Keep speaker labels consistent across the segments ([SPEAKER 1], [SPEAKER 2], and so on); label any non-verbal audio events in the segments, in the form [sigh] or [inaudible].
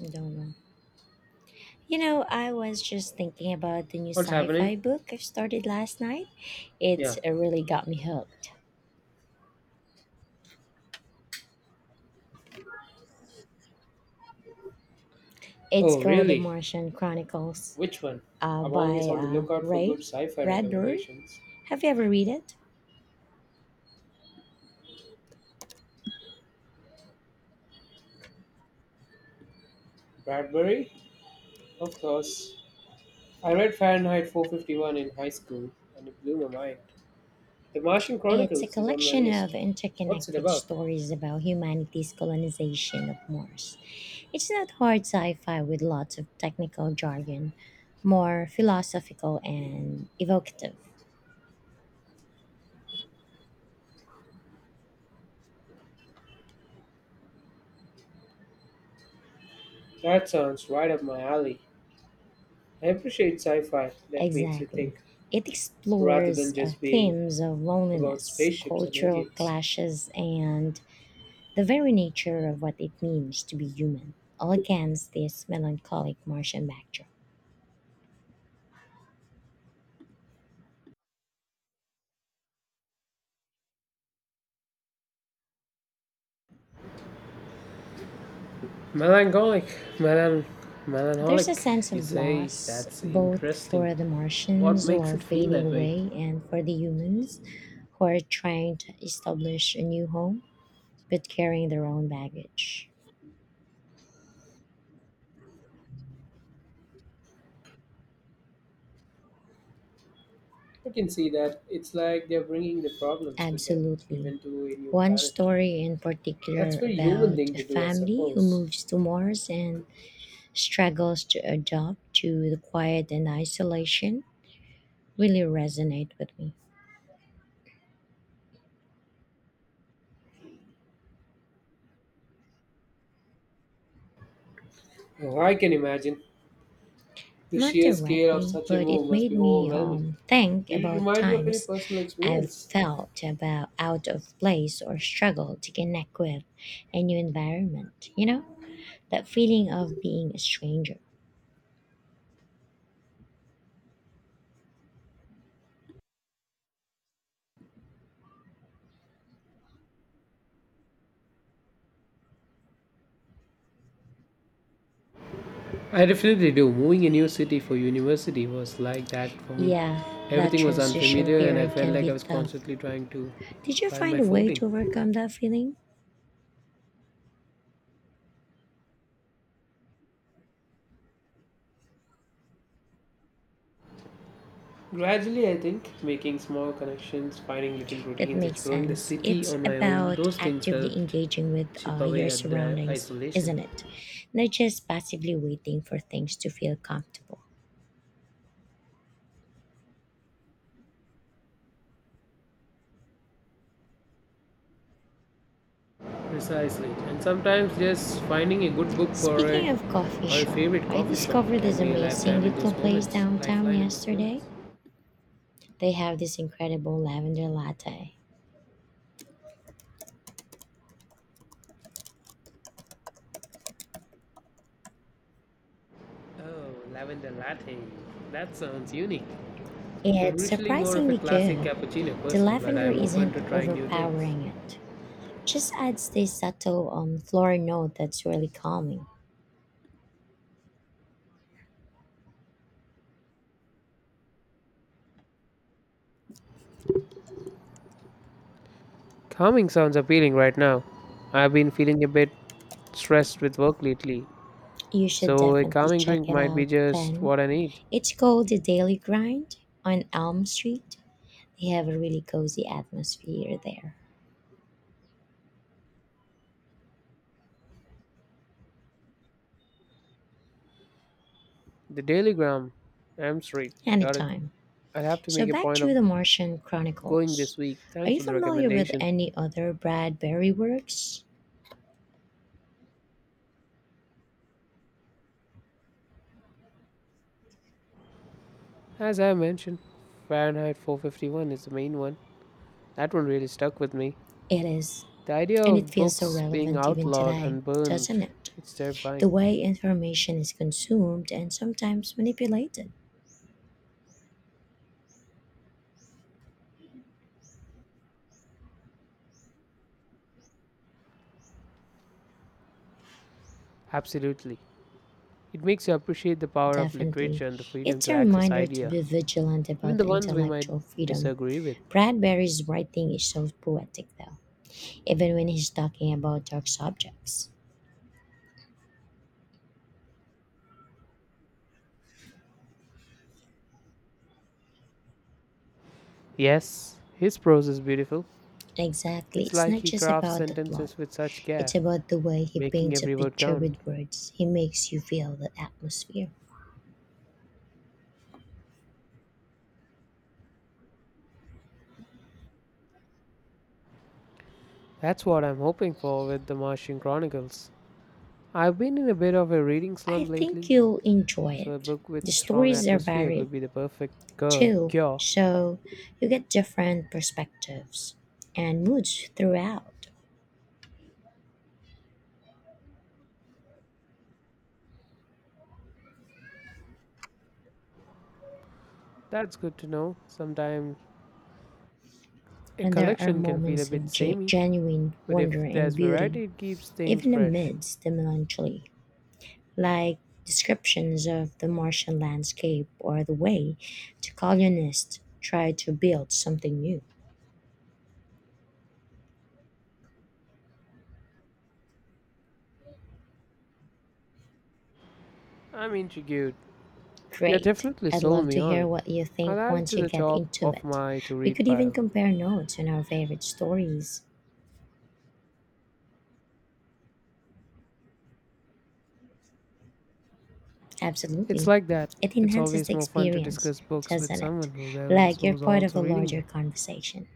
[SPEAKER 1] I don't know. You know, I was just thinking about the new
[SPEAKER 2] What's
[SPEAKER 1] sci-fi
[SPEAKER 2] happening?
[SPEAKER 1] book I started last night.
[SPEAKER 2] Yeah.
[SPEAKER 1] It's really got me hooked. It's
[SPEAKER 2] Oh,
[SPEAKER 1] called The
[SPEAKER 2] really?
[SPEAKER 1] Martian Chronicles
[SPEAKER 2] Which one? I'm
[SPEAKER 1] by
[SPEAKER 2] always on the lookout for good
[SPEAKER 1] Ray
[SPEAKER 2] sci fi
[SPEAKER 1] Bradbury.
[SPEAKER 2] recommendations.
[SPEAKER 1] Have you ever read it?
[SPEAKER 2] Bradbury? Of course. I read Fahrenheit 451 in high school and it blew my mind. The Martian
[SPEAKER 1] It's a
[SPEAKER 2] Chronicles is on my
[SPEAKER 1] collection of
[SPEAKER 2] list. What's it
[SPEAKER 1] interconnected
[SPEAKER 2] about?
[SPEAKER 1] stories about humanity's colonization of Mars. It's not hard sci-fi with lots of technical jargon, more philosophical and evocative.
[SPEAKER 2] That sounds right up my alley. I appreciate sci fi that makes you
[SPEAKER 1] Exactly.
[SPEAKER 2] think
[SPEAKER 1] It
[SPEAKER 2] rather
[SPEAKER 1] explores
[SPEAKER 2] than just being
[SPEAKER 1] themes of
[SPEAKER 2] about
[SPEAKER 1] loneliness,
[SPEAKER 2] spaceships and
[SPEAKER 1] cultural
[SPEAKER 2] aliens.
[SPEAKER 1] clashes, and the very nature of what it means to be human, all against this melancholic Martian backdrop.
[SPEAKER 2] Melancholic, melan,
[SPEAKER 1] There's a
[SPEAKER 2] melancholic.
[SPEAKER 1] sense
[SPEAKER 2] You
[SPEAKER 1] of
[SPEAKER 2] say
[SPEAKER 1] loss,
[SPEAKER 2] that's
[SPEAKER 1] both
[SPEAKER 2] interesting.
[SPEAKER 1] for the
[SPEAKER 2] What
[SPEAKER 1] Martians who
[SPEAKER 2] makes
[SPEAKER 1] are
[SPEAKER 2] it feel
[SPEAKER 1] fading
[SPEAKER 2] that way?
[SPEAKER 1] away and for the humans who are trying to establish a new home but carrying their own baggage.
[SPEAKER 2] I can see that it's like they're bringing the problems with them,
[SPEAKER 1] Absolutely.
[SPEAKER 2] even to a new
[SPEAKER 1] One
[SPEAKER 2] planet.
[SPEAKER 1] story in
[SPEAKER 2] That's
[SPEAKER 1] particular
[SPEAKER 2] very human
[SPEAKER 1] about
[SPEAKER 2] thing
[SPEAKER 1] a
[SPEAKER 2] to do, I
[SPEAKER 1] family who
[SPEAKER 2] suppose.
[SPEAKER 1] moves to Mars and struggles to adapt to the quiet and isolation really resonated with me.
[SPEAKER 2] Oh, I can imagine the
[SPEAKER 1] Not
[SPEAKER 2] sheer scale of
[SPEAKER 1] directly,
[SPEAKER 2] such a
[SPEAKER 1] but
[SPEAKER 2] move
[SPEAKER 1] it
[SPEAKER 2] must
[SPEAKER 1] made
[SPEAKER 2] be
[SPEAKER 1] me
[SPEAKER 2] overwhelming.
[SPEAKER 1] think
[SPEAKER 2] Did it
[SPEAKER 1] about
[SPEAKER 2] remind you of any
[SPEAKER 1] times
[SPEAKER 2] personal
[SPEAKER 1] I've
[SPEAKER 2] experience?
[SPEAKER 1] felt about out of place or struggled to connect with a new environment. You know, that feeling of being a stranger.
[SPEAKER 2] I definitely do. Moving a new city for university was like that for me.
[SPEAKER 1] Yeah, that
[SPEAKER 2] Everything was
[SPEAKER 1] transition
[SPEAKER 2] unfamiliar, and I
[SPEAKER 1] period
[SPEAKER 2] felt
[SPEAKER 1] can
[SPEAKER 2] like I
[SPEAKER 1] be
[SPEAKER 2] was
[SPEAKER 1] tough.
[SPEAKER 2] constantly trying to
[SPEAKER 1] Did you
[SPEAKER 2] find
[SPEAKER 1] find
[SPEAKER 2] my
[SPEAKER 1] a way
[SPEAKER 2] footing.
[SPEAKER 1] to overcome that feeling?
[SPEAKER 2] Gradually, I think making small connections, finding little
[SPEAKER 1] That
[SPEAKER 2] routines,
[SPEAKER 1] makes
[SPEAKER 2] exploring the
[SPEAKER 1] sense.
[SPEAKER 2] city
[SPEAKER 1] It's
[SPEAKER 2] on my own,
[SPEAKER 1] about
[SPEAKER 2] those things
[SPEAKER 1] actively
[SPEAKER 2] helped
[SPEAKER 1] engaging with
[SPEAKER 2] chip
[SPEAKER 1] your
[SPEAKER 2] away at the
[SPEAKER 1] surroundings,
[SPEAKER 2] isolation.
[SPEAKER 1] isn't it? Not just passively waiting for things to feel comfortable.
[SPEAKER 2] Precisely. And sometimes just finding a good book for a
[SPEAKER 1] Speaking of coffee
[SPEAKER 2] or a
[SPEAKER 1] shop,
[SPEAKER 2] favorite
[SPEAKER 1] I
[SPEAKER 2] coffee shop
[SPEAKER 1] discovered this
[SPEAKER 2] can be a
[SPEAKER 1] amazing
[SPEAKER 2] lifetime in those
[SPEAKER 1] little place
[SPEAKER 2] moments,
[SPEAKER 1] downtown
[SPEAKER 2] lifeline in those
[SPEAKER 1] yesterday.
[SPEAKER 2] moments.
[SPEAKER 1] They have this incredible lavender latte.
[SPEAKER 2] Oh, lavender latte. That sounds unique. I'm
[SPEAKER 1] It's
[SPEAKER 2] usually more of a
[SPEAKER 1] surprisingly
[SPEAKER 2] classic
[SPEAKER 1] good.
[SPEAKER 2] cappuccino
[SPEAKER 1] The
[SPEAKER 2] person, but
[SPEAKER 1] lavender
[SPEAKER 2] I'm open
[SPEAKER 1] isn't
[SPEAKER 2] to trying new things.
[SPEAKER 1] overpowering it. Just adds this subtle floral note that's really calming.
[SPEAKER 2] Calming sounds appealing right now. I've been feeling a bit stressed with work lately,
[SPEAKER 1] You should
[SPEAKER 2] so a
[SPEAKER 1] definitely
[SPEAKER 2] calming
[SPEAKER 1] check
[SPEAKER 2] drink
[SPEAKER 1] it
[SPEAKER 2] might be
[SPEAKER 1] out
[SPEAKER 2] just
[SPEAKER 1] then.
[SPEAKER 2] what I need.
[SPEAKER 1] It's called the Daily Grind on Elm Street. They have a really cozy atmosphere there.
[SPEAKER 2] The Daily Gram, M Street, got it.
[SPEAKER 1] Anytime.
[SPEAKER 2] I'll have to
[SPEAKER 1] So
[SPEAKER 2] make a
[SPEAKER 1] back
[SPEAKER 2] point
[SPEAKER 1] to
[SPEAKER 2] of
[SPEAKER 1] the Martian
[SPEAKER 2] going
[SPEAKER 1] Chronicles.
[SPEAKER 2] this week.
[SPEAKER 1] Are
[SPEAKER 2] Thanks
[SPEAKER 1] you
[SPEAKER 2] for the
[SPEAKER 1] familiar with
[SPEAKER 2] recommendation.
[SPEAKER 1] any other Bradbury works?
[SPEAKER 2] As I mentioned, Fahrenheit 451 is the main one. That one really stuck with me.
[SPEAKER 1] It is,
[SPEAKER 2] The idea
[SPEAKER 1] and it
[SPEAKER 2] of
[SPEAKER 1] feels so
[SPEAKER 2] books being
[SPEAKER 1] relevant even
[SPEAKER 2] outlawed
[SPEAKER 1] today,
[SPEAKER 2] and burned,
[SPEAKER 1] doesn't it?
[SPEAKER 2] it's
[SPEAKER 1] The
[SPEAKER 2] terrifying.
[SPEAKER 1] way information is consumed and sometimes manipulated.
[SPEAKER 2] Absolutely. It makes you appreciate the power of
[SPEAKER 1] Definitely.
[SPEAKER 2] literature and the freedom
[SPEAKER 1] It's
[SPEAKER 2] to
[SPEAKER 1] a
[SPEAKER 2] access
[SPEAKER 1] reminder to
[SPEAKER 2] idea,
[SPEAKER 1] be vigilant
[SPEAKER 2] even
[SPEAKER 1] about
[SPEAKER 2] the ones we might
[SPEAKER 1] intellectual freedom.
[SPEAKER 2] disagree with.
[SPEAKER 1] Bradbury's writing is so poetic, though, even when he's talking about dark subjects.
[SPEAKER 2] Yes, his prose is beautiful.
[SPEAKER 1] Exactly,
[SPEAKER 2] It's
[SPEAKER 1] it's
[SPEAKER 2] like
[SPEAKER 1] not
[SPEAKER 2] he
[SPEAKER 1] just
[SPEAKER 2] crafts
[SPEAKER 1] about the plot,
[SPEAKER 2] sentences with such care,
[SPEAKER 1] it's about the way he
[SPEAKER 2] making
[SPEAKER 1] paints a
[SPEAKER 2] every word
[SPEAKER 1] picture
[SPEAKER 2] count.
[SPEAKER 1] with words. He makes you feel the atmosphere.
[SPEAKER 2] That's what I'm hoping for with the Martian Chronicles. I've been in a bit of a reading
[SPEAKER 1] I
[SPEAKER 2] slump
[SPEAKER 1] think
[SPEAKER 2] lately,
[SPEAKER 1] you'll enjoy
[SPEAKER 2] so a
[SPEAKER 1] it.
[SPEAKER 2] book with
[SPEAKER 1] The
[SPEAKER 2] strong
[SPEAKER 1] stories are
[SPEAKER 2] atmosphere
[SPEAKER 1] varied
[SPEAKER 2] could be the perfect
[SPEAKER 1] too,
[SPEAKER 2] cure.
[SPEAKER 1] so you get different perspectives and moods throughout.
[SPEAKER 2] That's good to know. Sometimes a
[SPEAKER 1] And there are
[SPEAKER 2] collection can feel a
[SPEAKER 1] moments
[SPEAKER 2] bit
[SPEAKER 1] of
[SPEAKER 2] samey,
[SPEAKER 1] genuine
[SPEAKER 2] but if
[SPEAKER 1] wonder and
[SPEAKER 2] there's
[SPEAKER 1] beauty,
[SPEAKER 2] variety, it keeps things
[SPEAKER 1] even
[SPEAKER 2] fresh.
[SPEAKER 1] amidst the melancholy, like descriptions of the Martian landscape or the way the colonists tried to build something new.
[SPEAKER 2] I'm intrigued. You
[SPEAKER 1] Great.
[SPEAKER 2] definitely
[SPEAKER 1] I'd
[SPEAKER 2] sold
[SPEAKER 1] love
[SPEAKER 2] me
[SPEAKER 1] to
[SPEAKER 2] on
[SPEAKER 1] hear
[SPEAKER 2] it.
[SPEAKER 1] what you
[SPEAKER 2] I'll
[SPEAKER 1] think
[SPEAKER 2] add it
[SPEAKER 1] once
[SPEAKER 2] to
[SPEAKER 1] you
[SPEAKER 2] the
[SPEAKER 1] get
[SPEAKER 2] top
[SPEAKER 1] into
[SPEAKER 2] of
[SPEAKER 1] it.
[SPEAKER 2] my to
[SPEAKER 1] We
[SPEAKER 2] read
[SPEAKER 1] could even
[SPEAKER 2] pile.
[SPEAKER 1] compare notes on our favorite stories.
[SPEAKER 2] It's
[SPEAKER 1] Absolutely.
[SPEAKER 2] like that.
[SPEAKER 1] It
[SPEAKER 2] It's
[SPEAKER 1] enhances
[SPEAKER 2] always
[SPEAKER 1] the
[SPEAKER 2] more fun to
[SPEAKER 1] experience,
[SPEAKER 2] discuss books with
[SPEAKER 1] doesn't it?
[SPEAKER 2] someone who's else
[SPEAKER 1] Like you're
[SPEAKER 2] who's
[SPEAKER 1] part of a
[SPEAKER 2] also reading
[SPEAKER 1] larger
[SPEAKER 2] them.
[SPEAKER 1] conversation.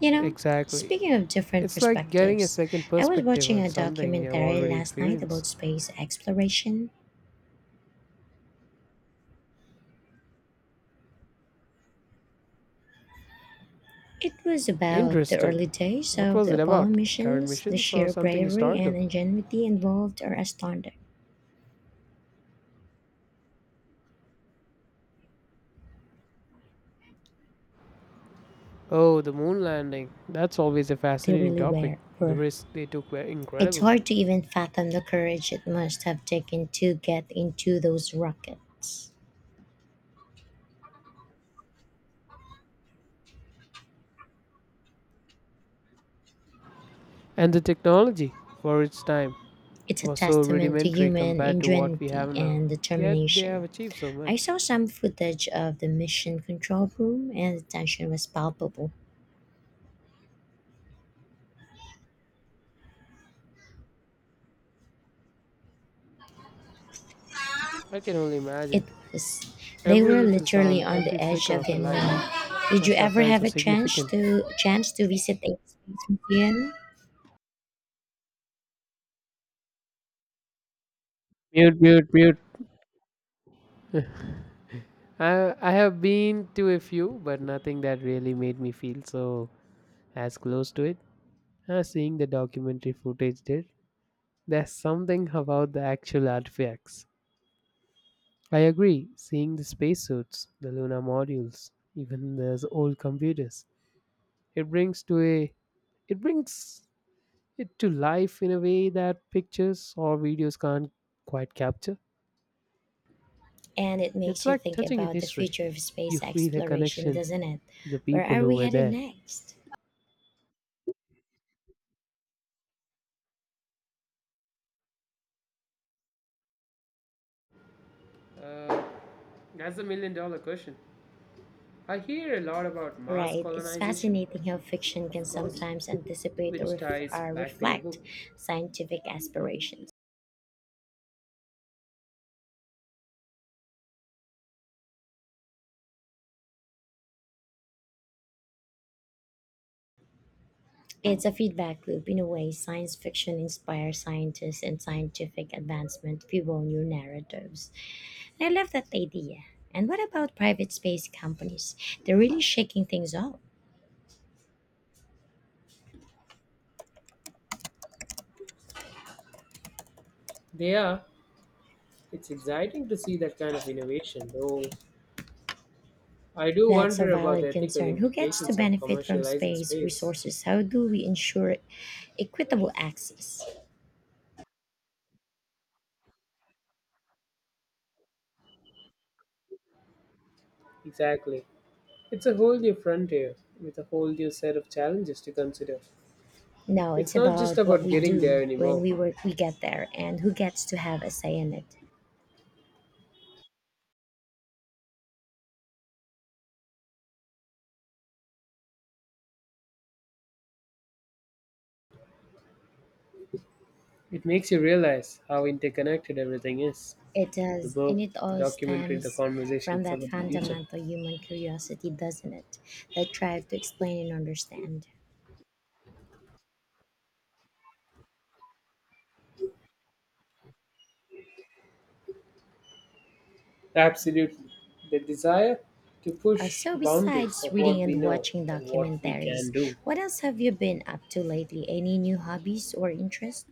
[SPEAKER 1] You know,
[SPEAKER 2] Exactly.
[SPEAKER 1] speaking of different
[SPEAKER 2] It's like getting a
[SPEAKER 1] perspectives,
[SPEAKER 2] second
[SPEAKER 1] I was
[SPEAKER 2] perspective
[SPEAKER 1] watching
[SPEAKER 2] on
[SPEAKER 1] a
[SPEAKER 2] something you've
[SPEAKER 1] documentary
[SPEAKER 2] already
[SPEAKER 1] last night
[SPEAKER 2] experienced.
[SPEAKER 1] about space exploration. It was about the
[SPEAKER 2] Interesting.
[SPEAKER 1] early days
[SPEAKER 2] What
[SPEAKER 1] of
[SPEAKER 2] was
[SPEAKER 1] the
[SPEAKER 2] it
[SPEAKER 1] Apollo
[SPEAKER 2] about? Current
[SPEAKER 1] missions. The
[SPEAKER 2] missions or
[SPEAKER 1] sheer
[SPEAKER 2] something
[SPEAKER 1] bravery and
[SPEAKER 2] historical?
[SPEAKER 1] ingenuity involved are astounding.
[SPEAKER 2] Oh, the moon landing. That's always a
[SPEAKER 1] They
[SPEAKER 2] fascinating
[SPEAKER 1] really
[SPEAKER 2] topic.
[SPEAKER 1] were.
[SPEAKER 2] The
[SPEAKER 1] were.
[SPEAKER 2] risks they took were
[SPEAKER 1] It's
[SPEAKER 2] incredible.
[SPEAKER 1] hard to even fathom the courage it must have taken to get into those rockets.
[SPEAKER 2] And the technology for its time
[SPEAKER 1] It's a
[SPEAKER 2] was so
[SPEAKER 1] testament to
[SPEAKER 2] rudimentary
[SPEAKER 1] human
[SPEAKER 2] compared to what we
[SPEAKER 1] ingenuity
[SPEAKER 2] have now.
[SPEAKER 1] and
[SPEAKER 2] Yet they have
[SPEAKER 1] determination.
[SPEAKER 2] achieved so
[SPEAKER 1] I
[SPEAKER 2] much.
[SPEAKER 1] saw some footage of the mission control room, and the tension was palpable.
[SPEAKER 2] I can only
[SPEAKER 1] It
[SPEAKER 2] imagine.
[SPEAKER 1] was. They
[SPEAKER 2] Every
[SPEAKER 1] were
[SPEAKER 2] little
[SPEAKER 1] literally
[SPEAKER 2] sound,
[SPEAKER 1] on the
[SPEAKER 2] every
[SPEAKER 1] edge
[SPEAKER 2] flicker
[SPEAKER 1] of
[SPEAKER 2] of
[SPEAKER 1] the
[SPEAKER 2] a light
[SPEAKER 1] unknown. Did you
[SPEAKER 2] must have
[SPEAKER 1] ever
[SPEAKER 2] felt
[SPEAKER 1] have
[SPEAKER 2] so
[SPEAKER 1] a chance
[SPEAKER 2] significant.
[SPEAKER 1] to chance to visit a space museum?
[SPEAKER 2] Mute, mute, mute. I have been to a few, but nothing that really made me feel so as close to it as seeing the documentary footage did. There's something about the actual artifacts. I agree, seeing the spacesuits, the lunar modules, even the old computers. It brings to a it brings it to life in a way that pictures or videos can't quite capture.
[SPEAKER 1] And it makes
[SPEAKER 2] It's
[SPEAKER 1] you
[SPEAKER 2] like
[SPEAKER 1] think
[SPEAKER 2] touching in
[SPEAKER 1] about the
[SPEAKER 2] history.
[SPEAKER 1] future of
[SPEAKER 2] You
[SPEAKER 1] space
[SPEAKER 2] feel a
[SPEAKER 1] exploration,
[SPEAKER 2] connection
[SPEAKER 1] doesn't it?
[SPEAKER 2] to the
[SPEAKER 1] Where
[SPEAKER 2] people
[SPEAKER 1] are
[SPEAKER 2] who
[SPEAKER 1] we
[SPEAKER 2] were
[SPEAKER 1] headed
[SPEAKER 2] there.
[SPEAKER 1] next?
[SPEAKER 2] Uh, that's a million dollar question. I hear a lot about mass
[SPEAKER 1] Right. It's
[SPEAKER 2] colonization,
[SPEAKER 1] fascinating how fiction can
[SPEAKER 2] of course,
[SPEAKER 1] sometimes anticipate or,
[SPEAKER 2] which
[SPEAKER 1] ref-
[SPEAKER 2] ties
[SPEAKER 1] or
[SPEAKER 2] back to your
[SPEAKER 1] reflect
[SPEAKER 2] book.
[SPEAKER 1] scientific aspirations. It's a feedback loop in a way. Science fiction inspires scientists, and scientific advancement fuel new narratives. I love that idea. And what about private space companies? They're really shaking things up.
[SPEAKER 2] They are. It's exciting to see that kind of innovation, though I do
[SPEAKER 1] That's a
[SPEAKER 2] wonder about the
[SPEAKER 1] valid
[SPEAKER 2] ethical
[SPEAKER 1] concern. Who gets to
[SPEAKER 2] implications of
[SPEAKER 1] benefit from
[SPEAKER 2] commercializing
[SPEAKER 1] space
[SPEAKER 2] space.
[SPEAKER 1] resources? How do we ensure equitable access?
[SPEAKER 2] Exactly. It's a whole new frontier with a whole new set of challenges to consider.
[SPEAKER 1] No,
[SPEAKER 2] It's
[SPEAKER 1] it's
[SPEAKER 2] not just
[SPEAKER 1] about what
[SPEAKER 2] about
[SPEAKER 1] we
[SPEAKER 2] getting
[SPEAKER 1] do
[SPEAKER 2] there
[SPEAKER 1] when
[SPEAKER 2] anymore.
[SPEAKER 1] we get there and who gets to have a say in it.
[SPEAKER 2] It makes you realize how interconnected everything is:
[SPEAKER 1] It
[SPEAKER 2] the
[SPEAKER 1] does, and
[SPEAKER 2] book,
[SPEAKER 1] it
[SPEAKER 2] the
[SPEAKER 1] all
[SPEAKER 2] documentary, the
[SPEAKER 1] stems from
[SPEAKER 2] conversations
[SPEAKER 1] that
[SPEAKER 2] about the future.
[SPEAKER 1] fundamental human curiosity, doesn't it? That drive to explain and understand.
[SPEAKER 2] Absolutely. The desire to
[SPEAKER 1] Uh,
[SPEAKER 2] push
[SPEAKER 1] so,
[SPEAKER 2] the boundaries
[SPEAKER 1] besides
[SPEAKER 2] of
[SPEAKER 1] reading
[SPEAKER 2] what we
[SPEAKER 1] and
[SPEAKER 2] know
[SPEAKER 1] watching
[SPEAKER 2] and what we
[SPEAKER 1] documentaries,
[SPEAKER 2] can do.
[SPEAKER 1] what else have you been up to lately? Any new hobbies or interests?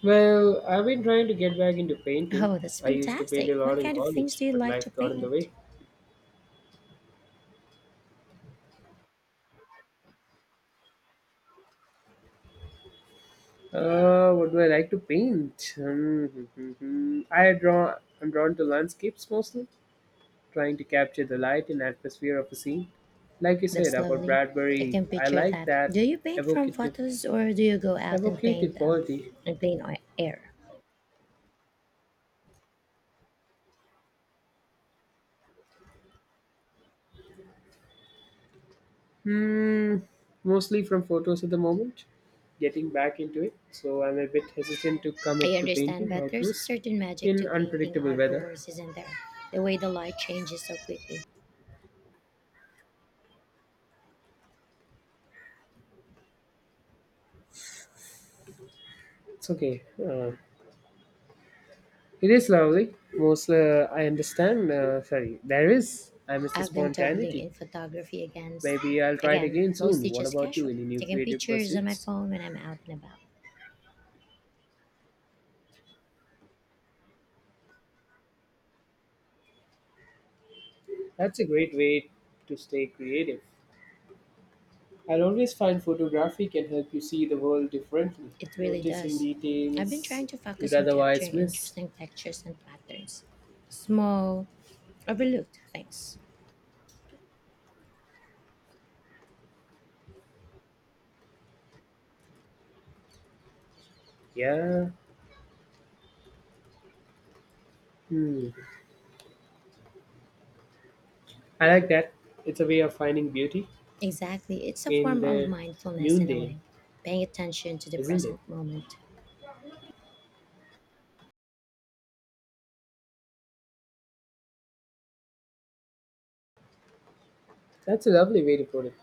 [SPEAKER 2] Well, I've been trying to get back into painting.
[SPEAKER 1] Oh, that's
[SPEAKER 2] I used to paint
[SPEAKER 1] fantastic.
[SPEAKER 2] a
[SPEAKER 1] What
[SPEAKER 2] lot in
[SPEAKER 1] kind of things
[SPEAKER 2] college,
[SPEAKER 1] do you
[SPEAKER 2] but
[SPEAKER 1] like to
[SPEAKER 2] life got in the
[SPEAKER 1] paint?
[SPEAKER 2] way. What do I like to paint? [laughs] I draw. I'm drawn to landscapes mostly, trying to capture the light and atmosphere of a scene. Like you said
[SPEAKER 1] That's
[SPEAKER 2] about
[SPEAKER 1] lovely. I
[SPEAKER 2] Bradbury,
[SPEAKER 1] can
[SPEAKER 2] I
[SPEAKER 1] picture
[SPEAKER 2] like
[SPEAKER 1] that.
[SPEAKER 2] that
[SPEAKER 1] Do you paint from
[SPEAKER 2] evocative,
[SPEAKER 1] photos or do you go out and paint
[SPEAKER 2] evocative quality.
[SPEAKER 1] in air?
[SPEAKER 2] Hmm, mostly from photos at the moment. Getting back into it, so I'm a bit hesitant to
[SPEAKER 1] I
[SPEAKER 2] commit to
[SPEAKER 1] understand,
[SPEAKER 2] painting
[SPEAKER 1] but there's a
[SPEAKER 2] outdoors
[SPEAKER 1] certain magic to
[SPEAKER 2] in
[SPEAKER 1] painting
[SPEAKER 2] unpredictable weather.
[SPEAKER 1] outdoors, isn't there? The way the light changes so quickly.
[SPEAKER 2] It's okay. It is lovely. Most I understand. Sorry, there is. I miss the
[SPEAKER 1] I've been doubling
[SPEAKER 2] spontaneity.
[SPEAKER 1] in photography
[SPEAKER 2] Maybe I'll try it
[SPEAKER 1] again,
[SPEAKER 2] again
[SPEAKER 1] mostly
[SPEAKER 2] soon. What
[SPEAKER 1] just
[SPEAKER 2] about you?
[SPEAKER 1] casual,
[SPEAKER 2] Any new
[SPEAKER 1] taking
[SPEAKER 2] creative
[SPEAKER 1] pictures on my
[SPEAKER 2] pursuits?
[SPEAKER 1] phone when I'm out and about.
[SPEAKER 2] That's a great way to stay creative. I'll always find photography can help you see the world differently,
[SPEAKER 1] It really
[SPEAKER 2] noticing
[SPEAKER 1] does. I've been
[SPEAKER 2] details
[SPEAKER 1] trying to
[SPEAKER 2] you'd
[SPEAKER 1] focus on capturing
[SPEAKER 2] otherwise miss.
[SPEAKER 1] interesting textures and patterns. Small, overlooked things.
[SPEAKER 2] Yeah. Hmm. I like that. It's a way of finding beauty
[SPEAKER 1] Exactly, it's a
[SPEAKER 2] in
[SPEAKER 1] form of
[SPEAKER 2] the
[SPEAKER 1] mindfulness in a
[SPEAKER 2] mundane,
[SPEAKER 1] way, paying attention to the
[SPEAKER 2] isn't it?
[SPEAKER 1] present moment.
[SPEAKER 2] That's a lovely way to put it.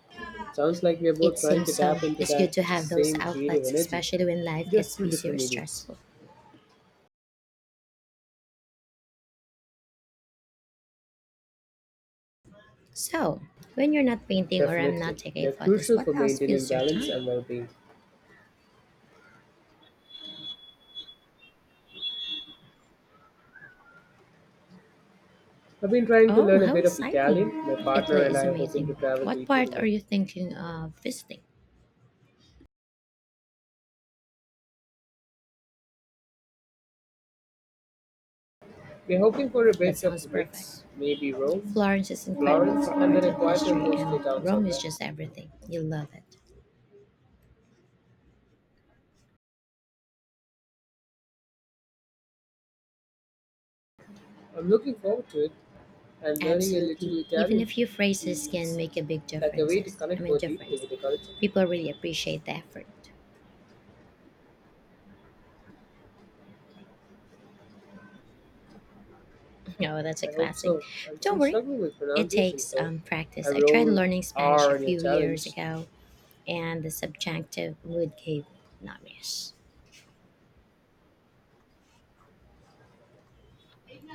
[SPEAKER 2] Sounds like we are
[SPEAKER 1] It
[SPEAKER 2] both trying
[SPEAKER 1] seems
[SPEAKER 2] to
[SPEAKER 1] so.
[SPEAKER 2] tap into
[SPEAKER 1] It's good
[SPEAKER 2] that
[SPEAKER 1] to have those
[SPEAKER 2] same creative
[SPEAKER 1] outlets,
[SPEAKER 2] energy,
[SPEAKER 1] especially when life
[SPEAKER 2] just
[SPEAKER 1] gets
[SPEAKER 2] through
[SPEAKER 1] busy or
[SPEAKER 2] different mediums.
[SPEAKER 1] stressful. So, when you're not painting or I'm not
[SPEAKER 2] Definitely.
[SPEAKER 1] taking
[SPEAKER 2] They're
[SPEAKER 1] photos,
[SPEAKER 2] crucial
[SPEAKER 1] what
[SPEAKER 2] for
[SPEAKER 1] else
[SPEAKER 2] maintaining
[SPEAKER 1] fills your
[SPEAKER 2] balance
[SPEAKER 1] time?
[SPEAKER 2] and well being. I've been trying to
[SPEAKER 1] Oh,
[SPEAKER 2] learn a
[SPEAKER 1] how
[SPEAKER 2] bit of Italian.
[SPEAKER 1] exciting!
[SPEAKER 2] My partner
[SPEAKER 1] Italy
[SPEAKER 2] and
[SPEAKER 1] is
[SPEAKER 2] I are hoping
[SPEAKER 1] amazing.
[SPEAKER 2] to travel to
[SPEAKER 1] What
[SPEAKER 2] Italy
[SPEAKER 1] part are
[SPEAKER 2] next.
[SPEAKER 1] you thinking of visiting?
[SPEAKER 2] We're hoping for a
[SPEAKER 1] That
[SPEAKER 2] bit of
[SPEAKER 1] sounds
[SPEAKER 2] a
[SPEAKER 1] perfect.
[SPEAKER 2] mix, maybe Rome,
[SPEAKER 1] Florence is incredible
[SPEAKER 2] Florence,
[SPEAKER 1] for
[SPEAKER 2] and then
[SPEAKER 1] art
[SPEAKER 2] a
[SPEAKER 1] and
[SPEAKER 2] quieter
[SPEAKER 1] history, and
[SPEAKER 2] coastal town
[SPEAKER 1] Rome is
[SPEAKER 2] somewhere.
[SPEAKER 1] just everything. You'll love it.
[SPEAKER 2] I'm looking forward to it, and learning a
[SPEAKER 1] Absolutely.
[SPEAKER 2] little
[SPEAKER 1] Even a
[SPEAKER 2] Italian
[SPEAKER 1] few phrases can
[SPEAKER 2] feels
[SPEAKER 1] make a big
[SPEAKER 2] like a way to connect more deeply
[SPEAKER 1] difference.
[SPEAKER 2] with the culture.
[SPEAKER 1] People really appreciate the effort. Oh, that's a
[SPEAKER 2] I hope
[SPEAKER 1] classic.
[SPEAKER 2] so. I'm
[SPEAKER 1] Don't
[SPEAKER 2] still
[SPEAKER 1] worry,
[SPEAKER 2] struggling with
[SPEAKER 1] it
[SPEAKER 2] pronunciations
[SPEAKER 1] takes
[SPEAKER 2] though. I
[SPEAKER 1] practice. I tried
[SPEAKER 2] rolled
[SPEAKER 1] learning Spanish a
[SPEAKER 2] R in your
[SPEAKER 1] few years
[SPEAKER 2] challenge.
[SPEAKER 1] ago, and the subjunctive would give not miss.